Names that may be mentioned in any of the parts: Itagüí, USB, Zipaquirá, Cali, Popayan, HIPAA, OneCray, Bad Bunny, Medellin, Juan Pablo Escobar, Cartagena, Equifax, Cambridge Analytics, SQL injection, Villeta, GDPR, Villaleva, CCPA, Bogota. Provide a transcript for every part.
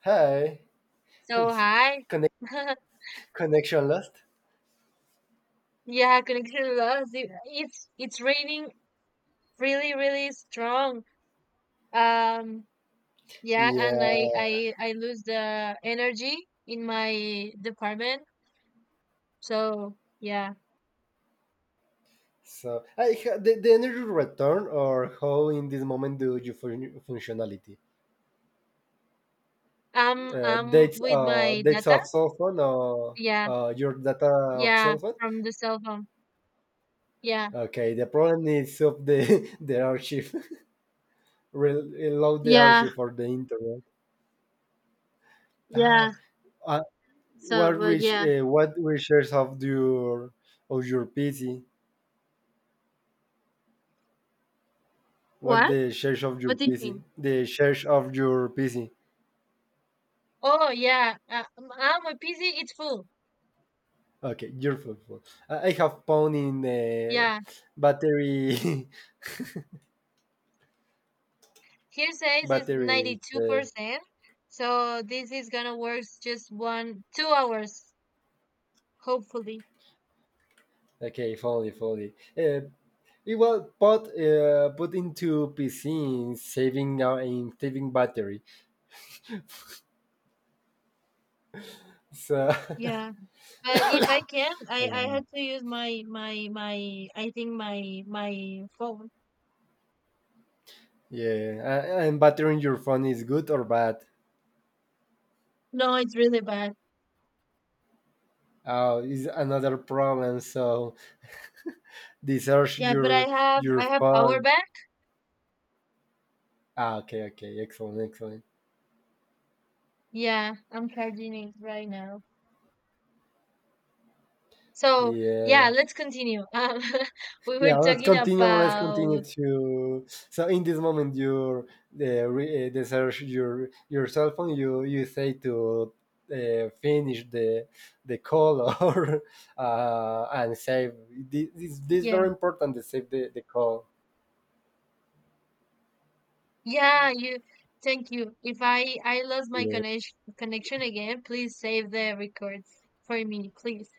Hi. So hi. Connect, Connection lost. Yeah, connection lost. It's raining really strong. Um yeah, Yeah. and I lose the energy in my department. So yeah, So, the energy return, or how in this moment do you functionality? I'm I'm with my Dates data. of cell phone, or Yeah, your data of yeah, cell phone. from the cell phone. Yeah, Okay, the problem is of the the archive. Reload the yeah, archive for the internet. yeah. Ah, uh, what So well, reach? yeah. What research of your PC? What What? the search of your What do you PC? mean? The search of your PC. Oh yeah, my PC it's full. Okay, you're full. I have phone in Yeah. battery, Here says it's battery. 92%. So this is gonna work just one, 2 hours, hopefully. Okay, fully. It was put put into PC in saving battery. So Yeah. But if I can, I yeah, had to use my I think my phone. yeah. And battery in your phone is good or bad? No, it's really bad. Is another problem. So desearch Yeah, but I your have your I have power phone. bank. Ah, okay, excellent, excellent. Yeah, I'm charging it right now. So yeah, Yeah. let's continue. We were Yeah, let's talking continue. Let's about continue to. So in this moment, you the search your cell phone. You say to finish the call or and save. This is yeah. very important to save the call. Yeah, you. Thank you. If I lost my Yeah. connection again, please save the records for me, please.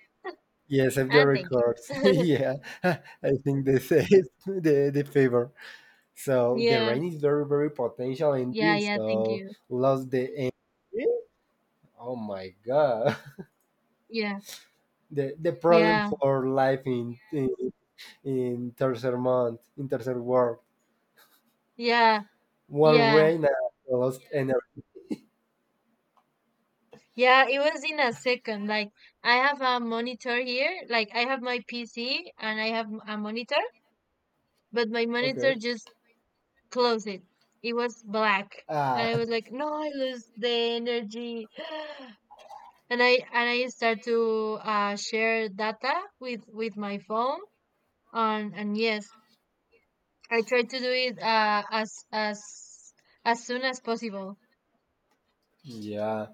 Yeah, save the And thank you. records. Yeah. I think they say it, the favor. So the Yeah, rain is very, very potential in yeah, this. yeah. Thank So you. lost the energy. Oh my god. Yeah, The problem yeah, for life in tercer month in tercer world, yeah, one yeah, rain and I lost energy. yeah. It was in a second. Like I have a monitor here. Like I have my PC and I have a monitor, but my Okay. monitor just closed it. It was black, and Ah. I was like, no, I lose the energy. and I start to share data with my phone on and yes, I try to do it as soon as possible. Yeah,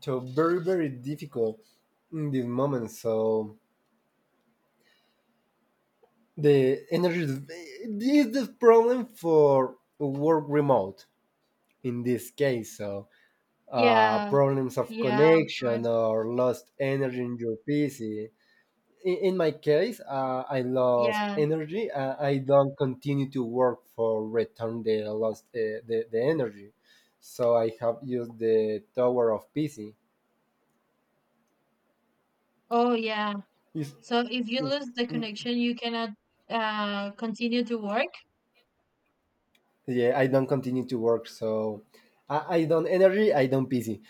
so very, very difficult in this moment, so the energy is this is the problem for work remote in this case. So Yeah, problems of yeah, of connection course. or lost energy in your PC. In my case, I lost Yeah. energy. I don't continue to work for return the lost the energy. So I have used the tower of PC. Oh, yeah. Is- So if you is- lose the connection, you cannot continue to work. yeah, I don't continue to work. So I don't energy. I don't PC.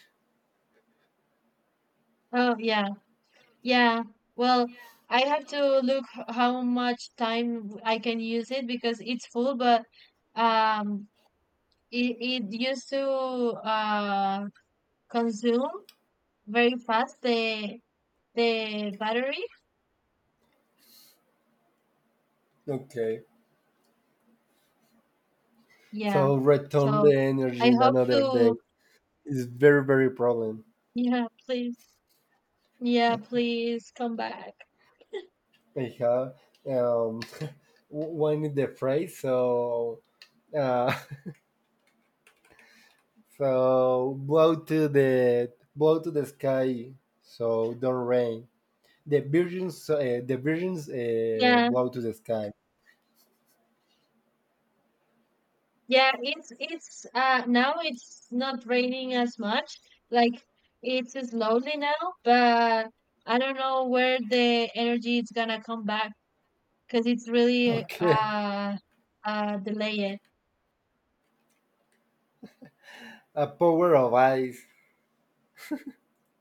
Oh, yeah. Yeah. Well, I have to look how much time I can use it because it's full, but um it, it used to uh consume very fast the battery. Okay. Yeah. So return So the I energy in hope another to day is very, very problem. yeah, please. Yeah, please come back. I have um, one is the phrase. So uh, So blow to the sky, so don't rain. The virgins Yeah. blow to the sky. Yeah, it's now it's not raining as much. Like it's slowly now, but I don't know where the energy is gonna come back because it's really Okay, delayed. a power of ice.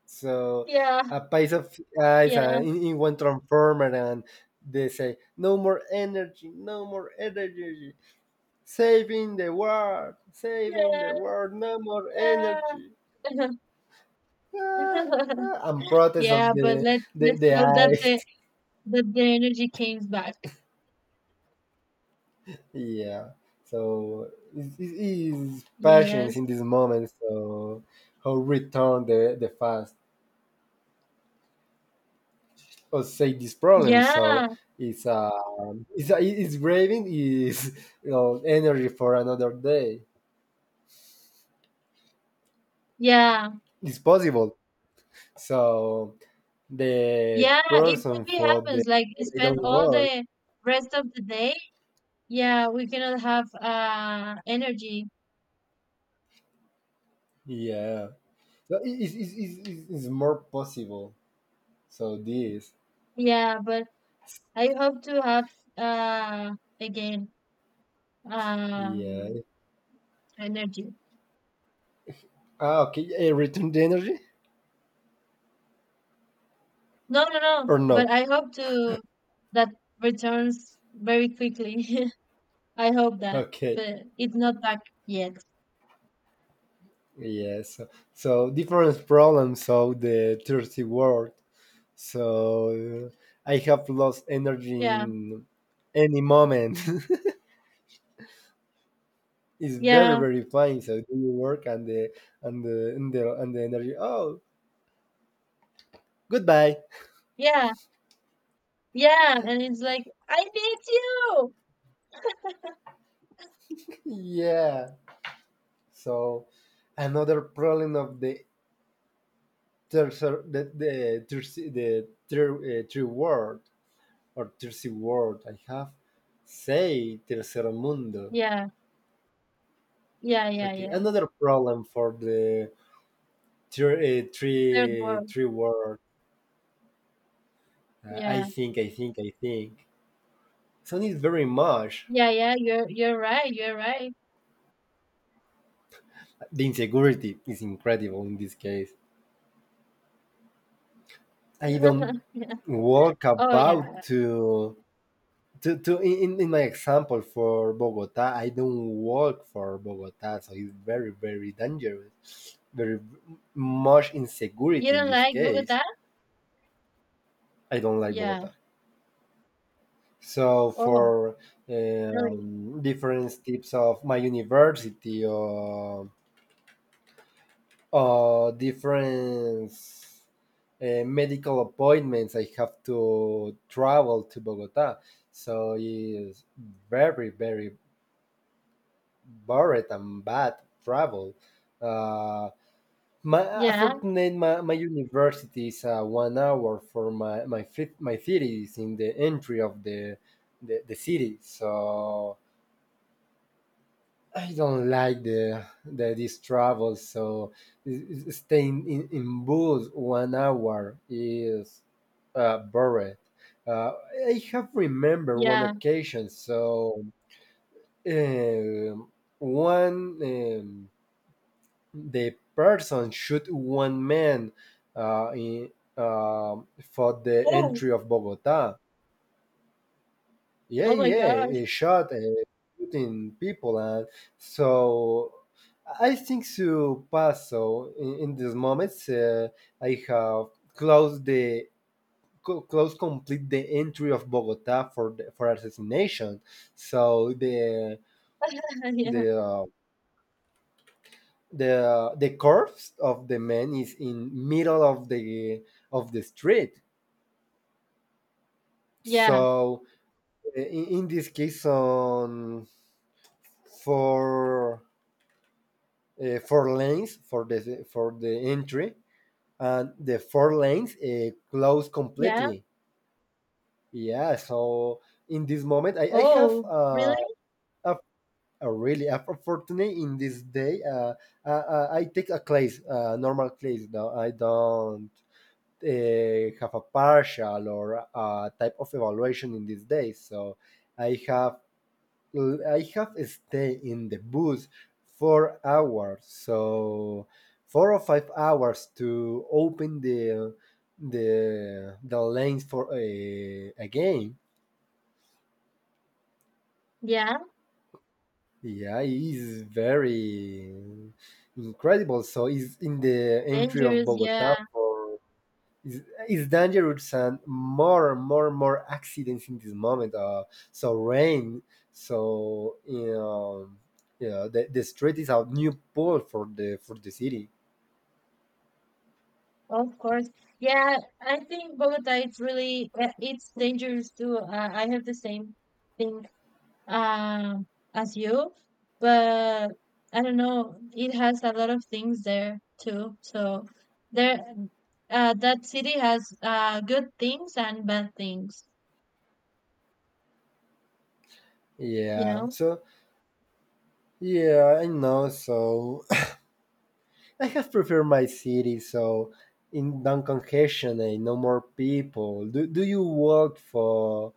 So Yeah, a piece of ice yeah, in one transformer, and they say no more energy, no more energy, saving the yeah, world, no more energy. yeah. Ah. Ah, and protest Yeah, of but let's the hope ice. that the energy comes back. Yeah. So his it's patience Yes. in this moment. So how return the fast or say this problem. Yeah. So it's uh it's braving is you know energy for another day. Yeah. It's possible. So the Yeah, it could person be for the happens. Like they spend don't all work. the rest of the day. Yeah, we cannot have energy. Yeah. So it's more possible. So this. Yeah, but I hope to have uh again um Yeah. energy. Ah, okay. Return the energy No, no, no. or no? But I hope to that returns very quickly. I hope that. Okay. But it's not back yet. Yes. So different problems of the thirsty world. So I have lost energy Yeah. in any moment. It's very, Yeah. very fine. So do you work and and the energy? Oh, goodbye. Yeah, yeah, and it's like, I need you. Yeah. So another problem of the tercer the thirsty the ter, third world or thirsty world. I have say tercer mundo. Yeah, yeah, yeah, Okay, yeah. another problem for the Third world. three word. Yeah, I think. So it's very much. yeah, yeah. You're right. You're right. The insecurity is incredible in this case. I don't Yeah. walk Oh about yeah. To in my example for Bogota. I don't walk for Bogota, so it's very, very dangerous. Very much You insecurity in don't this like case. Bogota? I don't like Yeah. Bogota. So Oh, for really? Different types of my university, or different medical appointments, I have to travel to Bogota. So it's very, very bored and bad travel. Uh, my Yeah, Unfortunately, my university is 1 hour for my city is in the entry of the city. So I don't like the this travel. So staying in bus 1 hour is boring. Uh, I have remember one yeah. occasion. So um, one the person shoot one man uh, in, for the Oh, entry of Bogota. Yeah, oh my yeah, gosh. he shot shooting people, and so I think so pass. So in these moments I have closed the close complete the entry of Bogota for for assassination. So Yeah, the uh, the corpse of the man is in middle of the street. yeah, So in this case on for four lanes for the entry, and the four lanes closed yeah. completely. Yeah, so in this moment, I have Oh, really? a, a really opportunity in this day. I take a class, normal class. No, I don't have a partial or a type of evaluation in this day. So I have I have stayed in the bus 4 hours, so 4 or 5 hours to open the lanes for a game. Yeah. Yeah, it is very incredible. So it's in the entry of Dangerous. Yeah. Bogota for it's, it's dangerous, and more and more and more accidents in this moment. So rain, so you know, yeah, the street is a new pool for the city. Of course. Yeah, I think Bogota. It's really it's dangerous too. I have the same thing uh, as you, but I don't know. It has a lot of things there too. So there, that city has good things and bad things. You Yeah. know. So yeah, I know. So I have preferred my city, so in non-congestion and no more people. Do you work for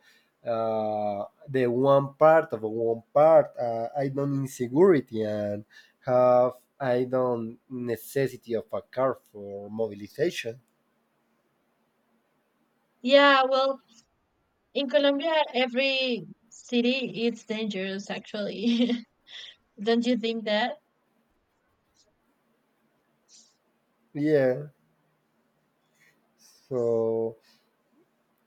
the one part of one part? I don't insecurity and have I don't necessity of a car for mobilization. Yeah. Well, in Colombia, every city is dangerous. Actually, don't you think that? Yeah, so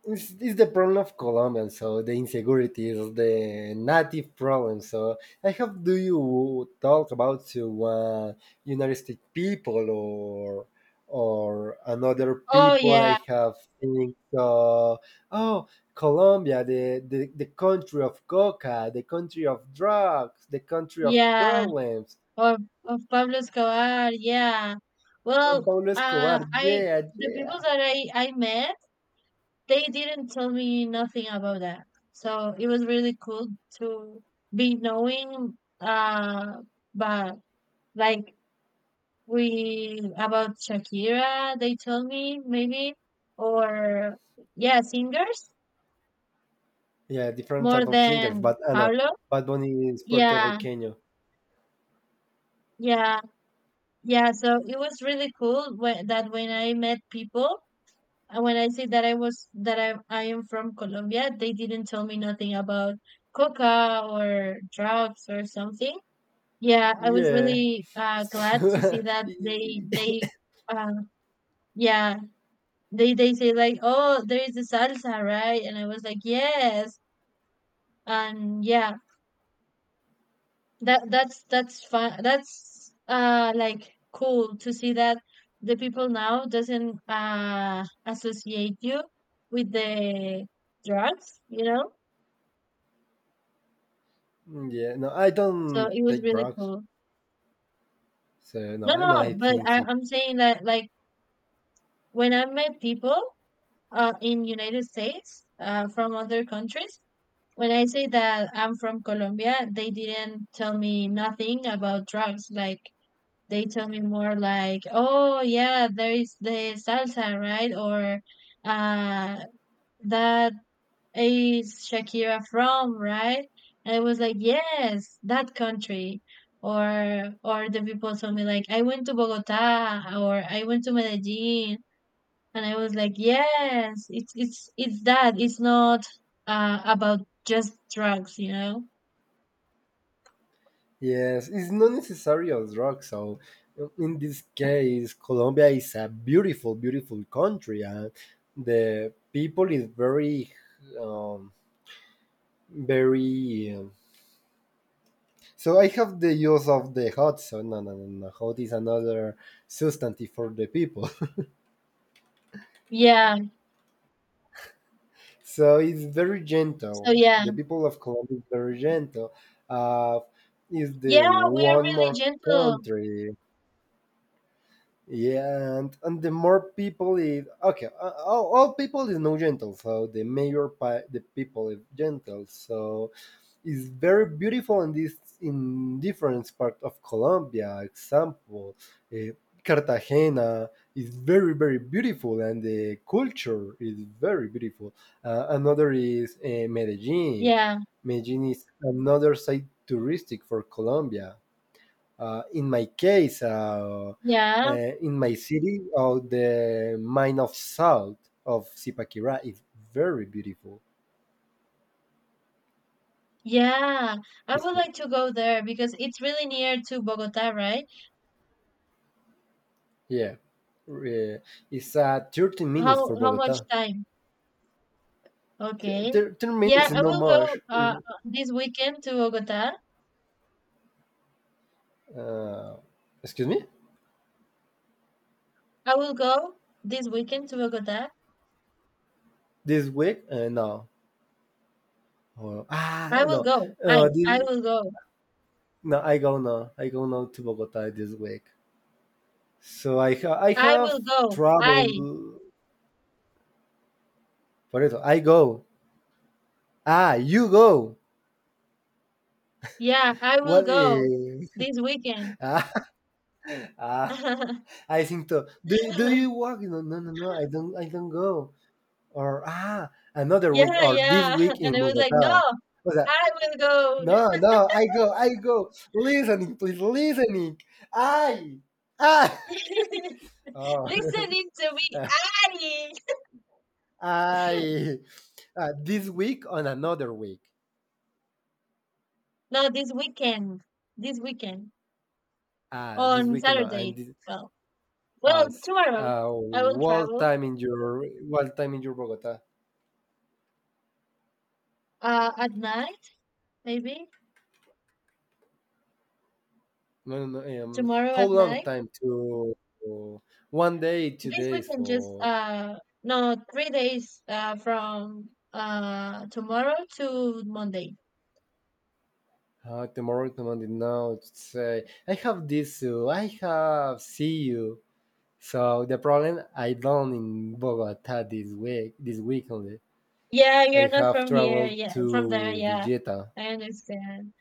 it's the problem of Colombians, so the insecurity is the native problem. So I have, do you talk about to United States people or another Oh people I yeah, have think oh Colombia the country of coca, the country of drugs, the country of yeah. problems. Or of Pablo Escobar. Yeah. Juan Well, Pablo Escobar, I yeah, the people yeah. that I met. They didn't tell me nothing about that. So it was really cool to be knowing but like we about Shakira they told me maybe or yeah singers Yeah, different more type of singers, than but I know Pablo. Bad Bunny is Puerto Yeah, Rican. yeah, yeah. So it was really cool when, that when I met people And when I say that I was that I am from Colombia, they didn't tell me nothing about coca or drugs or something. Yeah, I was Yeah. really glad to see that Yeah, they uh, yeah they say like oh there is a salsa right, and I was like yes and yeah that's that's fun. That's like cool to see that the people now doesn't associate you with the drugs, you know? no, I So don't it was take really drugs. cool. So no, No, I know no, I but think it. I'm saying that like when I met people in United States from other countries, when I say that I'm from Colombia, they didn't tell me nothing about drugs. Like they tell me more like, oh yeah, there is the salsa, right? Or uh that is Shakira from, right? And I was like, yes, that country. Or the people told me like I went to Bogota or I went to Medellin and I was like, yes, it's it's that. It's not about just drugs, you know? Yes, it's not necessary a drug. So in this case, Colombia is a beautiful, beautiful country, and the people is very, um, very. So I have the use of the hot. So no, no, no, no. Hot is another substantive for the people. Yeah. So it's very So gentle. yeah. The people of Colombia is very gentle. Uh, is the Yeah, we're one really more gentle. country. Yeah, and the more people is okay. All people is no gentle, so the mayor, the people is gentle. So is very beautiful and is in different part of Colombia. Example, eh, Cartagena is very, very beautiful and the culture is very beautiful. Another is Medellin. Yeah. Medellin is another site touristic for Colombia. Uh, in my case, uh, Yeah. in my city, the mine of salt of Zipaquirá is very beautiful. Yeah, I would like to go there because it's really near to Bogota, right? Yeah. Uh, it's 30 minutes for How much Bogota. time? Okay. 30 Yeah, minutes is I not will go much. This weekend to Bogota. Uh, Excuse me? I will go this weekend to Bogota. This week? No. I will No. go. Uh, this, I will go. no, I go now. I go now to Bogota this week. So I I will have go. I trouble. For it, I go. Ah, you go. yeah, I will What? go this weekend. ah, ah, I think so. Do you work? No, no, no, no. I don't. I don't go. Or ah another week Yeah, or this yeah. week And in I was like, no, Bogota. O sea, I will go. no, no, I go, I go. Listening, please, listening. I, I. Oh. Listening to me, I. I. This week on another week. No, this weekend. This weekend. Ah, this On week in Saturday. and this, Well, well, s- tomorrow I will what travel time in your what time in your Bogota? At night, maybe. No, no, no. Tomorrow How at long night. time to one day, two This days weekend just for no, 3 days from tomorrow to Monday. Tomorrow. Say, I have this you. I have see you. So the problem I done in Bogota this week only. Yeah, you're I not have from here. traveled Yeah, from there. to Yeah. Villeta. I understand.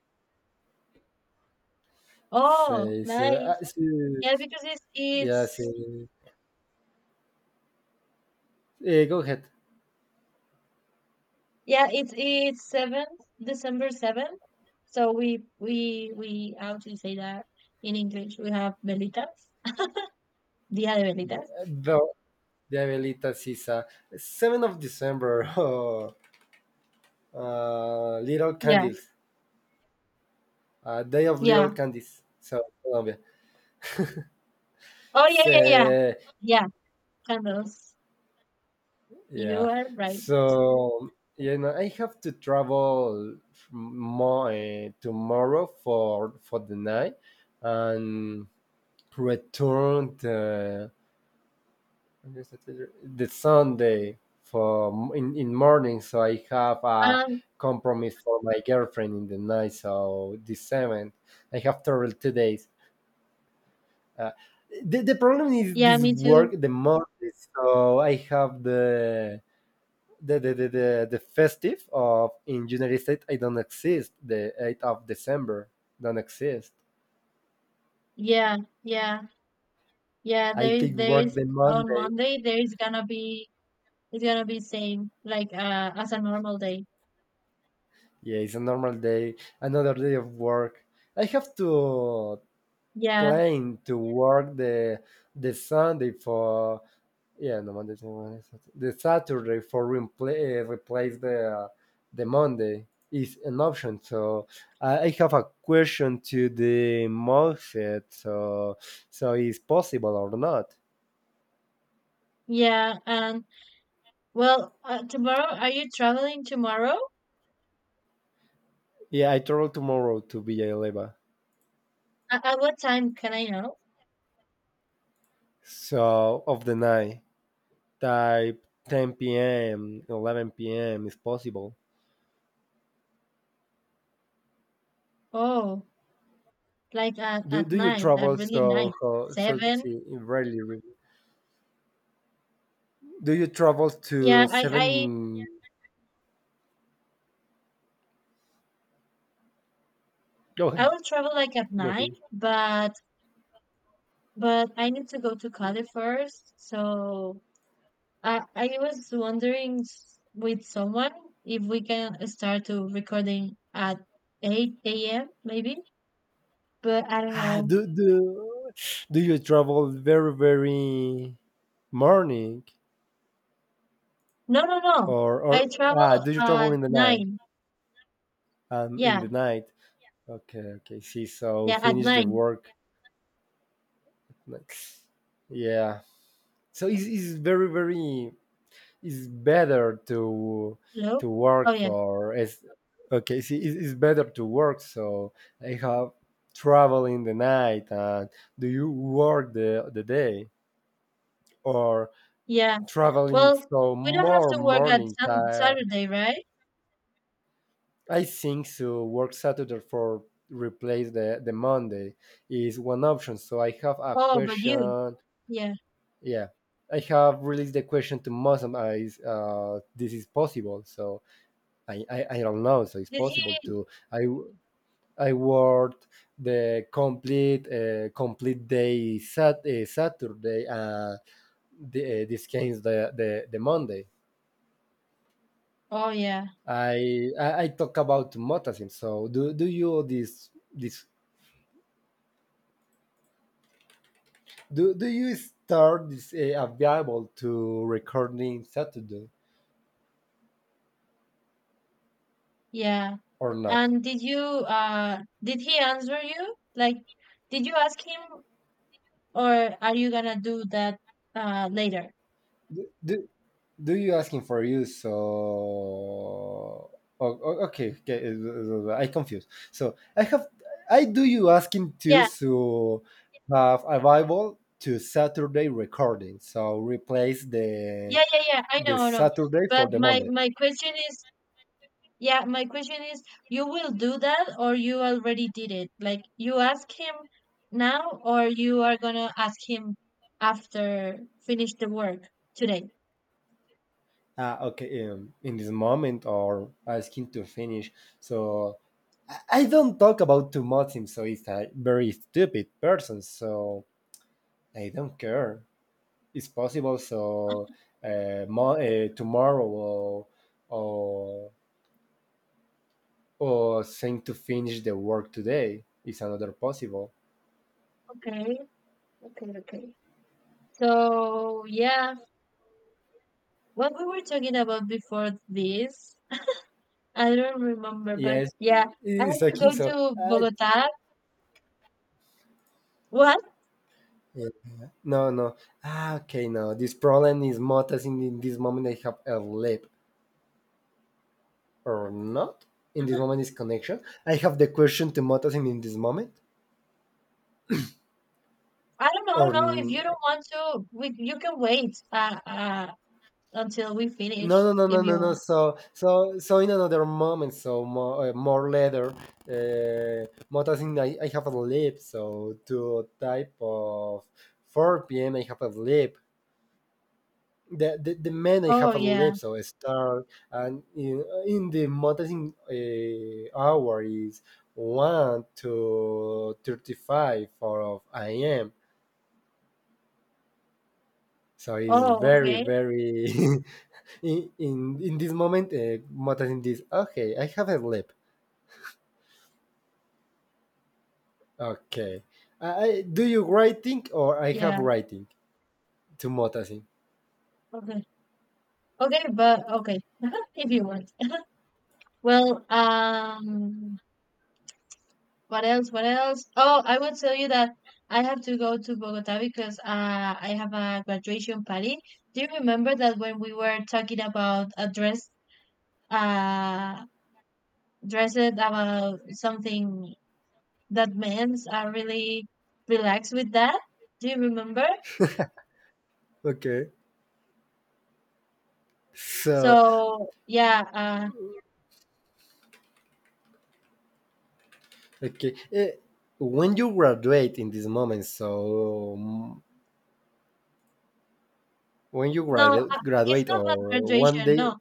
Oh, Say, so, nice. So, Yeah, because it's yeah, so, it's eh, Go ahead. Yeah, it's seventh, December 7th. So we how to say that in English? We have velitas, Día de Velitas. The, the Abuelita Sisa, December 7th. Oh, little Yeah, candles. Day of little yeah. candies. So Colombia. Oh yeah, yeah, yeah, So, yeah. Candles. You yeah. are right. So, you know, I have to travel more tomorrow for the night, and return the what is it? The Sunday for in morning. So I have a Um, compromise for my girlfriend in the night. So the seventh, I have travel 2 days. Uh, the problem is yeah, this me work too. the month, so I have the festive of in United States I don't exist. The December 8th don't exist. Yeah, yeah, yeah. I take work There's the on Monday. Monday. There's gonna be it's gonna be same like as a normal day. Yeah, it's a normal day, another day of work. I have to Yeah, plan to work the Sunday for Yeah, no Monday. Tuesday, Wednesday, Saturday. The Saturday for replay, replace the Monday is an option. So I have a question to the Moffat. So so is possible or not? yeah. And well, tomorrow are you traveling tomorrow? Yeah, I travel tomorrow to Villaleva. At what time can I know? So of the night, type 10 p.m., 11 p.m. is possible. Oh, like at Do you night, at travel really night, seven. Rarely? Really- Do you travel Yeah, to seven? Go I ahead. will travel like at Go nine, ahead. But I need to go to Cali first. So I was wondering with someone if we can start to recording at eight a.m. maybe, but I don't Ah, know. Do you travel very morning No, no, no. or I ah travel do you travel at in the night? nine. In Yeah, the night. Okay, okay. See, so yeah, at finish the nine. work. Like, yeah. So it's very very it's better Hello. to Oh work yeah, for as okay. See, it's better to work. So I have travel in the night. And do you work the day or yeah. traveling Well, so we don't have more to work at morning some time. Saturday, right? I think so work saturday for replace the monday is one option so I have a Oh, but you. question. Yeah. Yeah, I have released the question to muslim eyes, uh, this is possible so I don't know so it's Did possible he? to I worked the complete complete day sat, saturday, the, this came the, the monday. Oh, yeah. I talk about motasim. So do you this do you start this available to recording Saturday Yeah. or not? And did you did he answer you? Like did you ask him or are you gonna do that later? Do, do, do you asking for you? So oh, oh, okay, okay, I confused. So I have I do you asking to Yeah. so have available to Saturday recording. So replace Yeah, yeah, yeah. I know, the I know. Saturday for But the Monday. my question is Yeah, my question is, you will do that or you already did it? Like you ask him now or you are gonna ask him after finish the work today. Okay, in this moment or asking to finish. So I don't talk about too much him, so it's a very stupid person. So I don't care. It's possible. So tomorrow or or or saying to finish the work today is another possible. Okay, okay, okay. So yeah, what we were talking about before this, I don't remember, but Yes, yeah, I it's have like to go so. to I Bogota. What? yeah. No, no. Ah, okay, no. This problem is more as in this moment I have a lip. Or not in this moment is connection. I have the question to Motasin in this moment I don't know. or No, if n- you don't want to, we you can wait until we no finish no no if no you no no want. so so so in another moment so more, more later, Motasin. I have a sleep so to type of 4 p.m. I have a sleep the men I Oh have a sleep yeah. so I start and in the Motasin hour is 1 to 35 of I a.m. So it's Oh very, okay. very in, in in this moment. Mota in this. Okay, I have a lip. Okay, do you writing or I have Yeah. writing to Motasin? Okay. Okay, but okay, if you want. Well, what else? What else? Oh, I would tell you that I have to go to Bogota because I have a graduation party. Do you remember that when we were talking about a dress, uh, dresses about something that men are really relaxed with that? Do you remember? Okay, so So yeah, okay, when you graduate in this moment, so when you no, it's graduate not or about one graduation. No, day,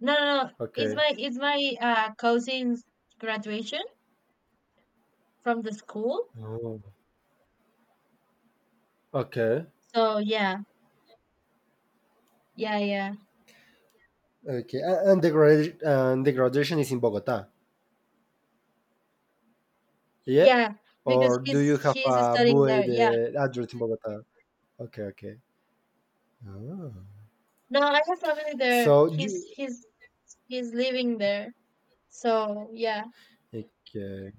no, no, no. Okay, It's my cousin's graduation from the school. oh, okay, So yeah, yeah, yeah, okay, and the and the graduation is in Bogota. Yeah? yeah. Because Or do you have he's a studying there. buey Yeah. the address in Bogota? Okay, okay. Oh. No, I have family there. So you He's living there. So yeah, okay.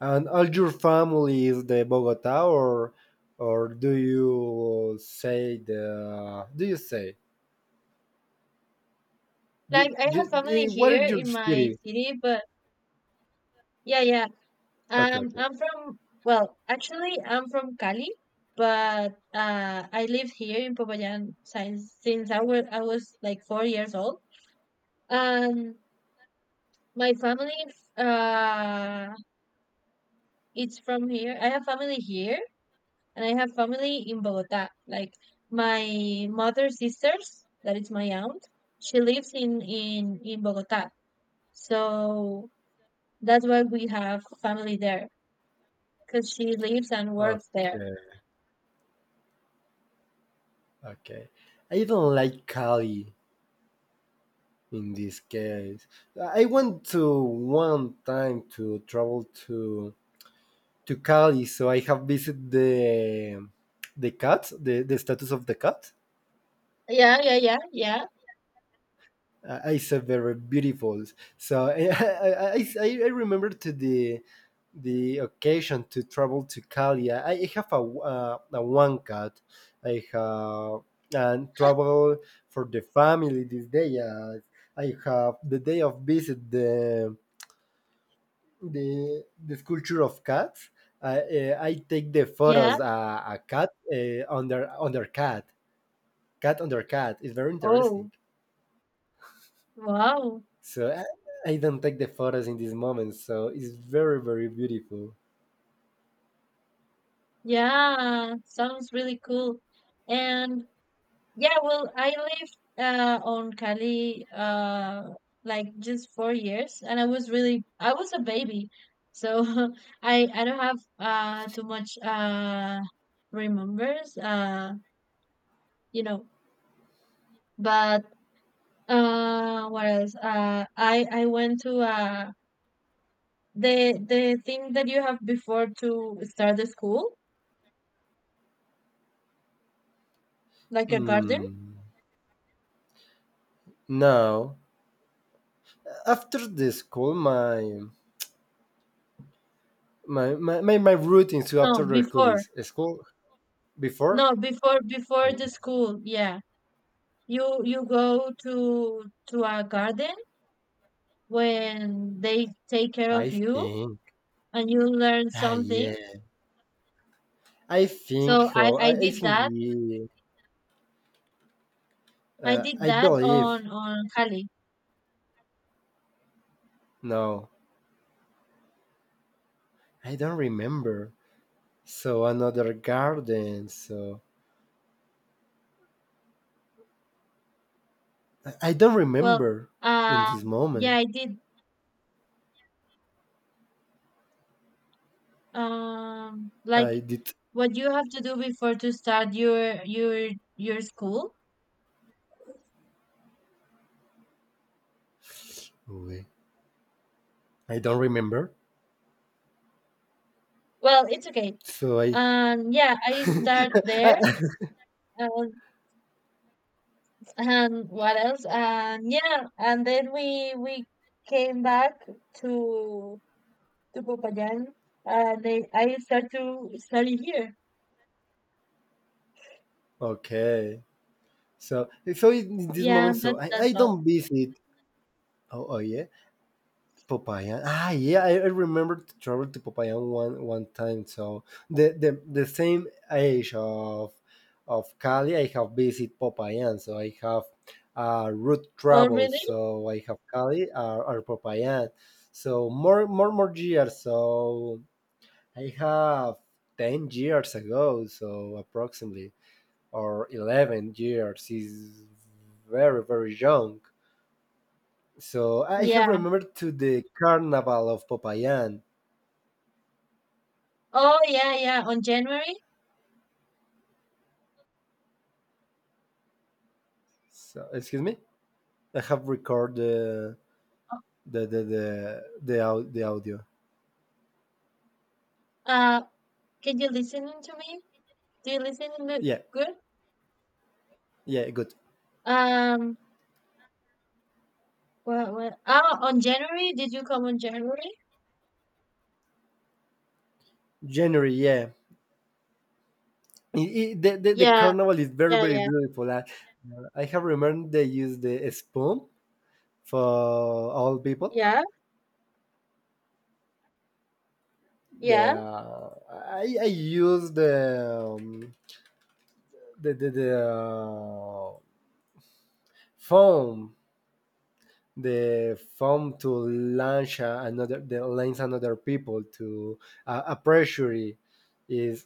And all your family is the Bogota or do you say the do you say like I have family what here is your in my city? city, but yeah, yeah. Okay, okay. I'm from well, actually, I'm from Cali, but I live here in Popayán since I was like 4 years old. Um, My family uh it's from here. I have family here and I have family in Bogota. Like my mother's sisters, that is my aunt, she lives in Bogota. So that's why we have family there because she lives and works there. Okay, okay. I don't like Cali in this case. I went to one time to travel to Cali, so I have visited the cat, the status of the cat. Yeah, yeah, yeah, yeah, It's a very beautiful. So I remember to the occasion to travel to Cali. I have a one cat. I have and travel for the family this day. I have the day of visit the sculpture of cats. I I take the yeah. photos. A cat under under cat, cat under cat. It's very interesting. Oh, wow. So I don't take the photos in this moment. So it's very very beautiful. Yeah, sounds really cool. And Yeah, well, I lived on Cali like just 4 years, and I was really I was a baby, so I don't have too much remembers, you know. But what else? I went to the thing that you have before to start the school, like a garden. Hmm. Now after the school, my routine. So No, after the school before. is school before. No, before before the Hmm, school. Yeah You go to a garden when they take care I of you think. and you learn Ah, something. yeah. I So think. Oh, I I did think. that. Yeah, I uh, did I that believe. On Cali. No. I don't remember. So another garden. So I don't Well, remember in this um yeah, moment. I did like I did. what you have to do before to start your school. Wait, I don't remember. Well, it's okay. So I. Yeah, I start there. Um, And what else? And yeah, and then we came back to to Popayan, and they, I start to study here. Okay. So so in this Yeah, moment, so that's I all. don't visit. Oh, oh yeah. Popayan. Ah, yeah, I remember to travel to Popayan one time. So the same age of Cali, I have visited Popayan. So I have route Oh travel. really? So I have Cali or Popayan. So more years. So I have 10 years ago. So approximately or 11 years is very very young. So I have Yeah. remembered to the carnival of Popayan. Oh yeah, yeah. On January, So, excuse me, I have record the audio. uh, can you listen to me? Do you listen to me? Yeah, Good. yeah, good. Um. What, what? Oh, on January? Did you come on January? January, yeah. It, it, the Yeah, carnival is very yeah, very yeah, beautiful. I have remembered they use the spoon for all people. yeah, The yeah. I use the foam the phone to launch another the lines another people to a pressure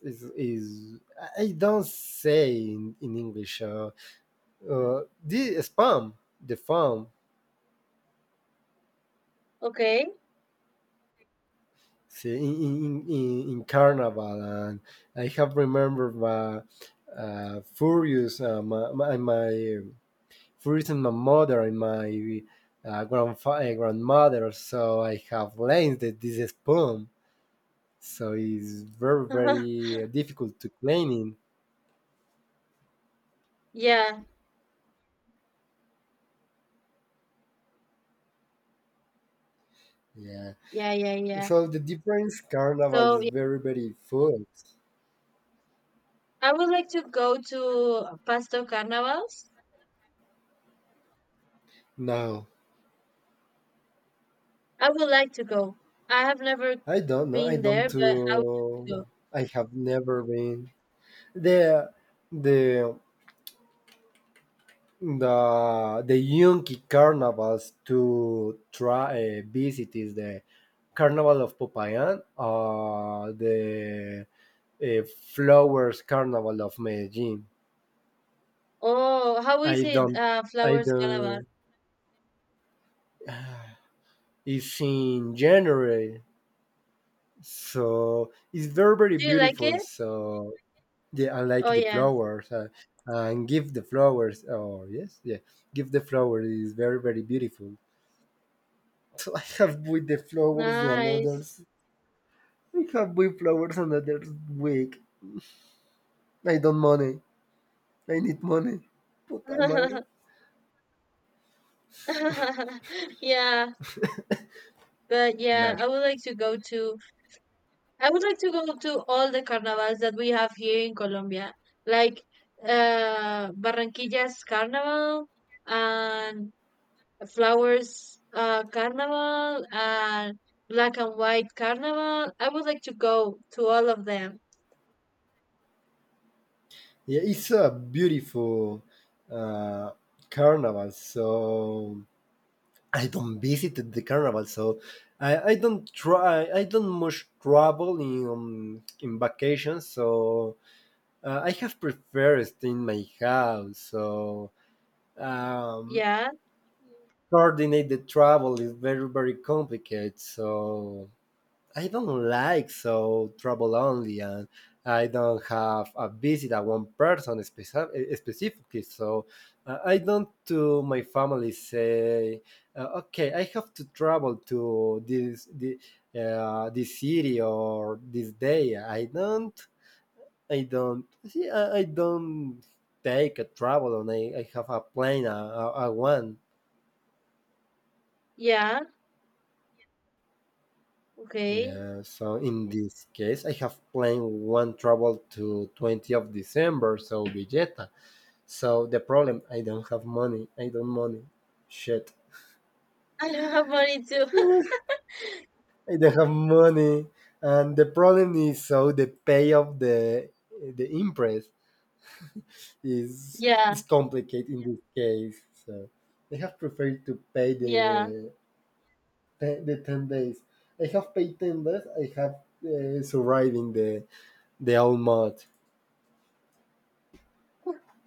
is I don't say in English, the spam the phone Okay. see in carnival and I have remembered my furious my furious and my mother and my grandmother so I have learned that this is spam so it's very very difficult to clean in. Yeah, Yeah. yeah, yeah, yeah. So the difference carnival So is very very full. I would like to go to Pasto Carnivals. No, I would like to go. I have never I don't know. I been don't there, but I would like to go. to. I have never been the the the Yunque carnivals to try visit is the Carnival of Popayan, or the uh, Flowers Carnival of Medellin. Oh, how is I it, don't. I Flowers Carnival? don't. It's in January, so it's very very Do you like beautiful. it? So yeah, I like Oh, the yeah. flowers, and give the flowers. Oh yes, yeah, give the flowers is very very beautiful. So I have with the flowers the Nice. others. I have with flowers another week. I don't money. I need money. Puta madre. Yeah, but yeah, Mesh. I would like to go to all the carnivals that we have here in Colombia, like Barranquilla's Carnival and flowers carnival and black and white carnival. I would like to go to all of them. Yeah, it's a beautiful uh, carnival. So I don't visit the carnival, so I don't try. I don't much travel in vacations, so I have preferred stay in my house. So um, Yeah, coordinate the travel is very very complicated. So I don't like so trouble only, and I don't have a visit at one person specifically. So I don't to my family say, okay, I have to travel to this the this city or this day. I don't take a travel, and I have a plane, a one. yeah, okay. Yeah, so in this case, I have planned one travel to 20 of December, so Villeta. So the problem, I don't have money. I don't money. Shit. I don't have money too. I don't have money. And the problem is, so the pay of the impress is yeah, is complicated in this case. So I have preferred to pay yeah, the ten, the 10 days. I have paid 10 days. I have surviving the whole month.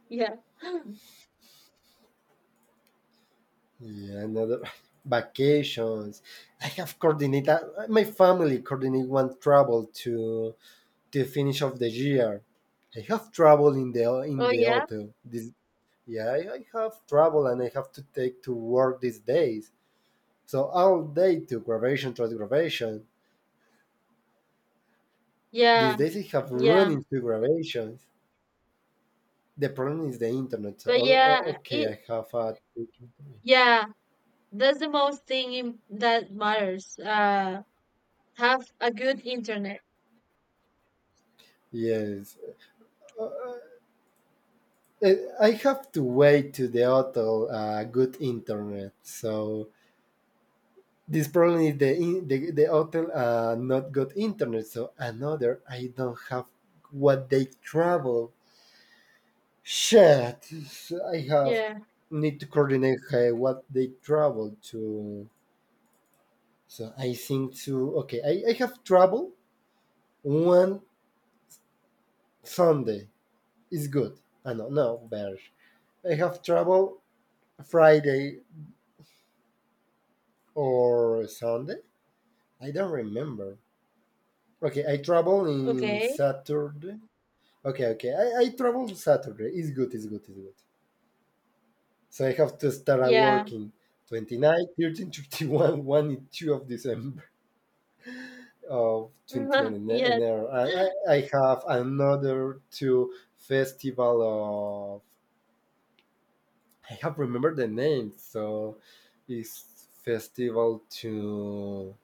yeah. Yeah, another vacations. I have coordinated my family coordinate one travel to finish of the year. I have travel in Oh the yeah, hotel. This yeah, I have travel and I have to take to work these days. So all day to graduation, to graduation. These yeah, days I have run yeah. into graduations. The problem is the internet. So, But okay, I have a yeah, that's the most thing that matters. Have a good internet. yes. Uh, I have to wait to the hotel good internet. So this problem is the in, the, the hotel, not good internet. So another, I don't have what they travel. Shit, I have Yeah. need to coordinate what they travel to. So I think to okay, I have travel one Sunday is good. I no no better. I have travel Friday or Sunday. I don't remember. Okay, I travel in Okay. Saturday. Okay, okay. I travel Saturday. It's good, it's good, it's good. So I have to start at Yeah. work in 29, 13, 31, 1 and 2 of December of 20 on yeah. Enero. And I have another two festival of... I have remembered the name, so it's festival to...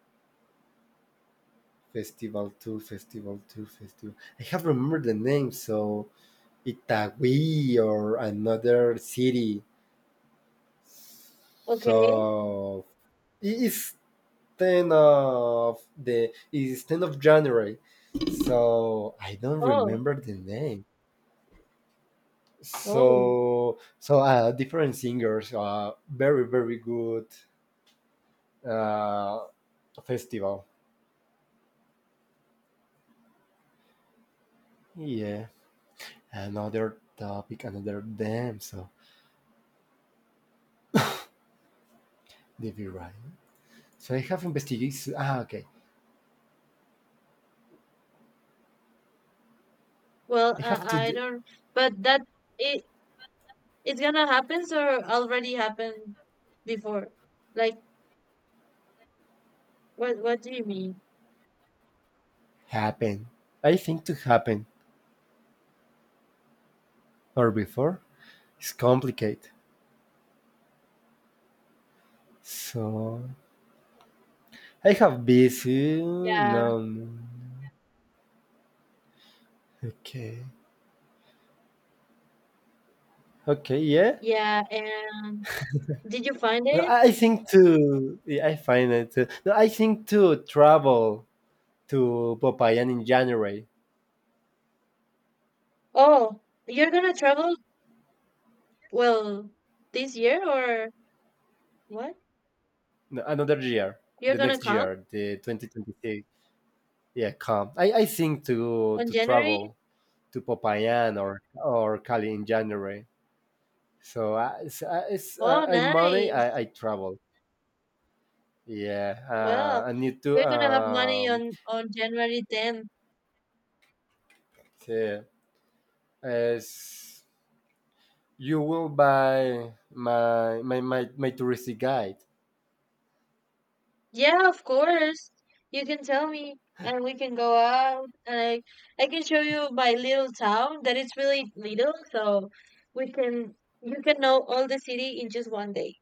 Festival 2, Festival 2, Festival... I have remembered the name, so Itagüí or another city. Okay. So it's 10 of the it's 10 of January. So I don't Oh. remember the name. Oh. So so different singers, very very good uh, festival. Yeah. Another topic, another damn so did you right. So I have investigated ah okay. Well, I have to I don't, but that it it's gonna happen or already happened before. Like, what do you mean? happen. I think to happen. Or before is complicated. So I have busy. No, Yeah, no, no. Okay. Okay. Yeah. yeah. And did you find No, it? I think to yeah, I find it. Uh, no, I think to travel to Popayan in January, Oh, you're gonna travel? Well, this year or what? no, another year, You're the gonna next come year, the 2026. Yeah, come. I think on to January? travel to Popayan or Cali in January. So I, it's, it's, Oh, I money nice. I travel. Yeah, Well, I need to you're gonna have money on January 10th. say as you will buy my touristy guide. Yeah, of course. You can tell me and we can go out and I can show you my little town that it's really little, so we can you can know all the city in just one day.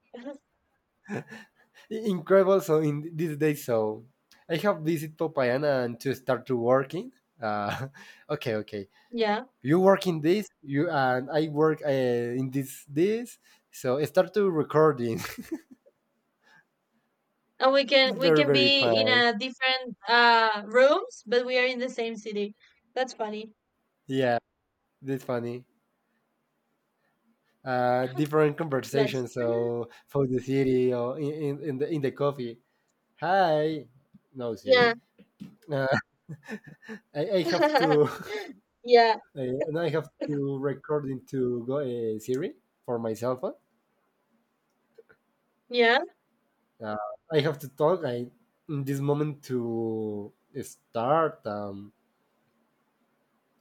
Incredible. So in this day, so I have visit Popayana and to start to working. Uh, okay, okay. Yeah. You work in this, you and I work in this. So I start to recording. And It's we very can very be in fine. a different rooms, but we are in the same city. That's funny. Yeah, that's funny. Uh, different That's conversations. true. So for the city or in the coffee. Hi, no city. Yeah. Uh, I have to Yeah. And I have to record into go, Siri for my cell phone. Yeah. Uh, I have to talk. I in this moment to start,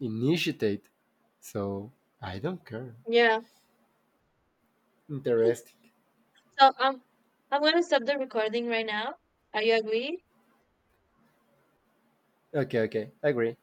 initiate. So I don't care. Yeah. Interesting. So I'm gonna stop the recording right now. Are you agree? Okay, okay, agree.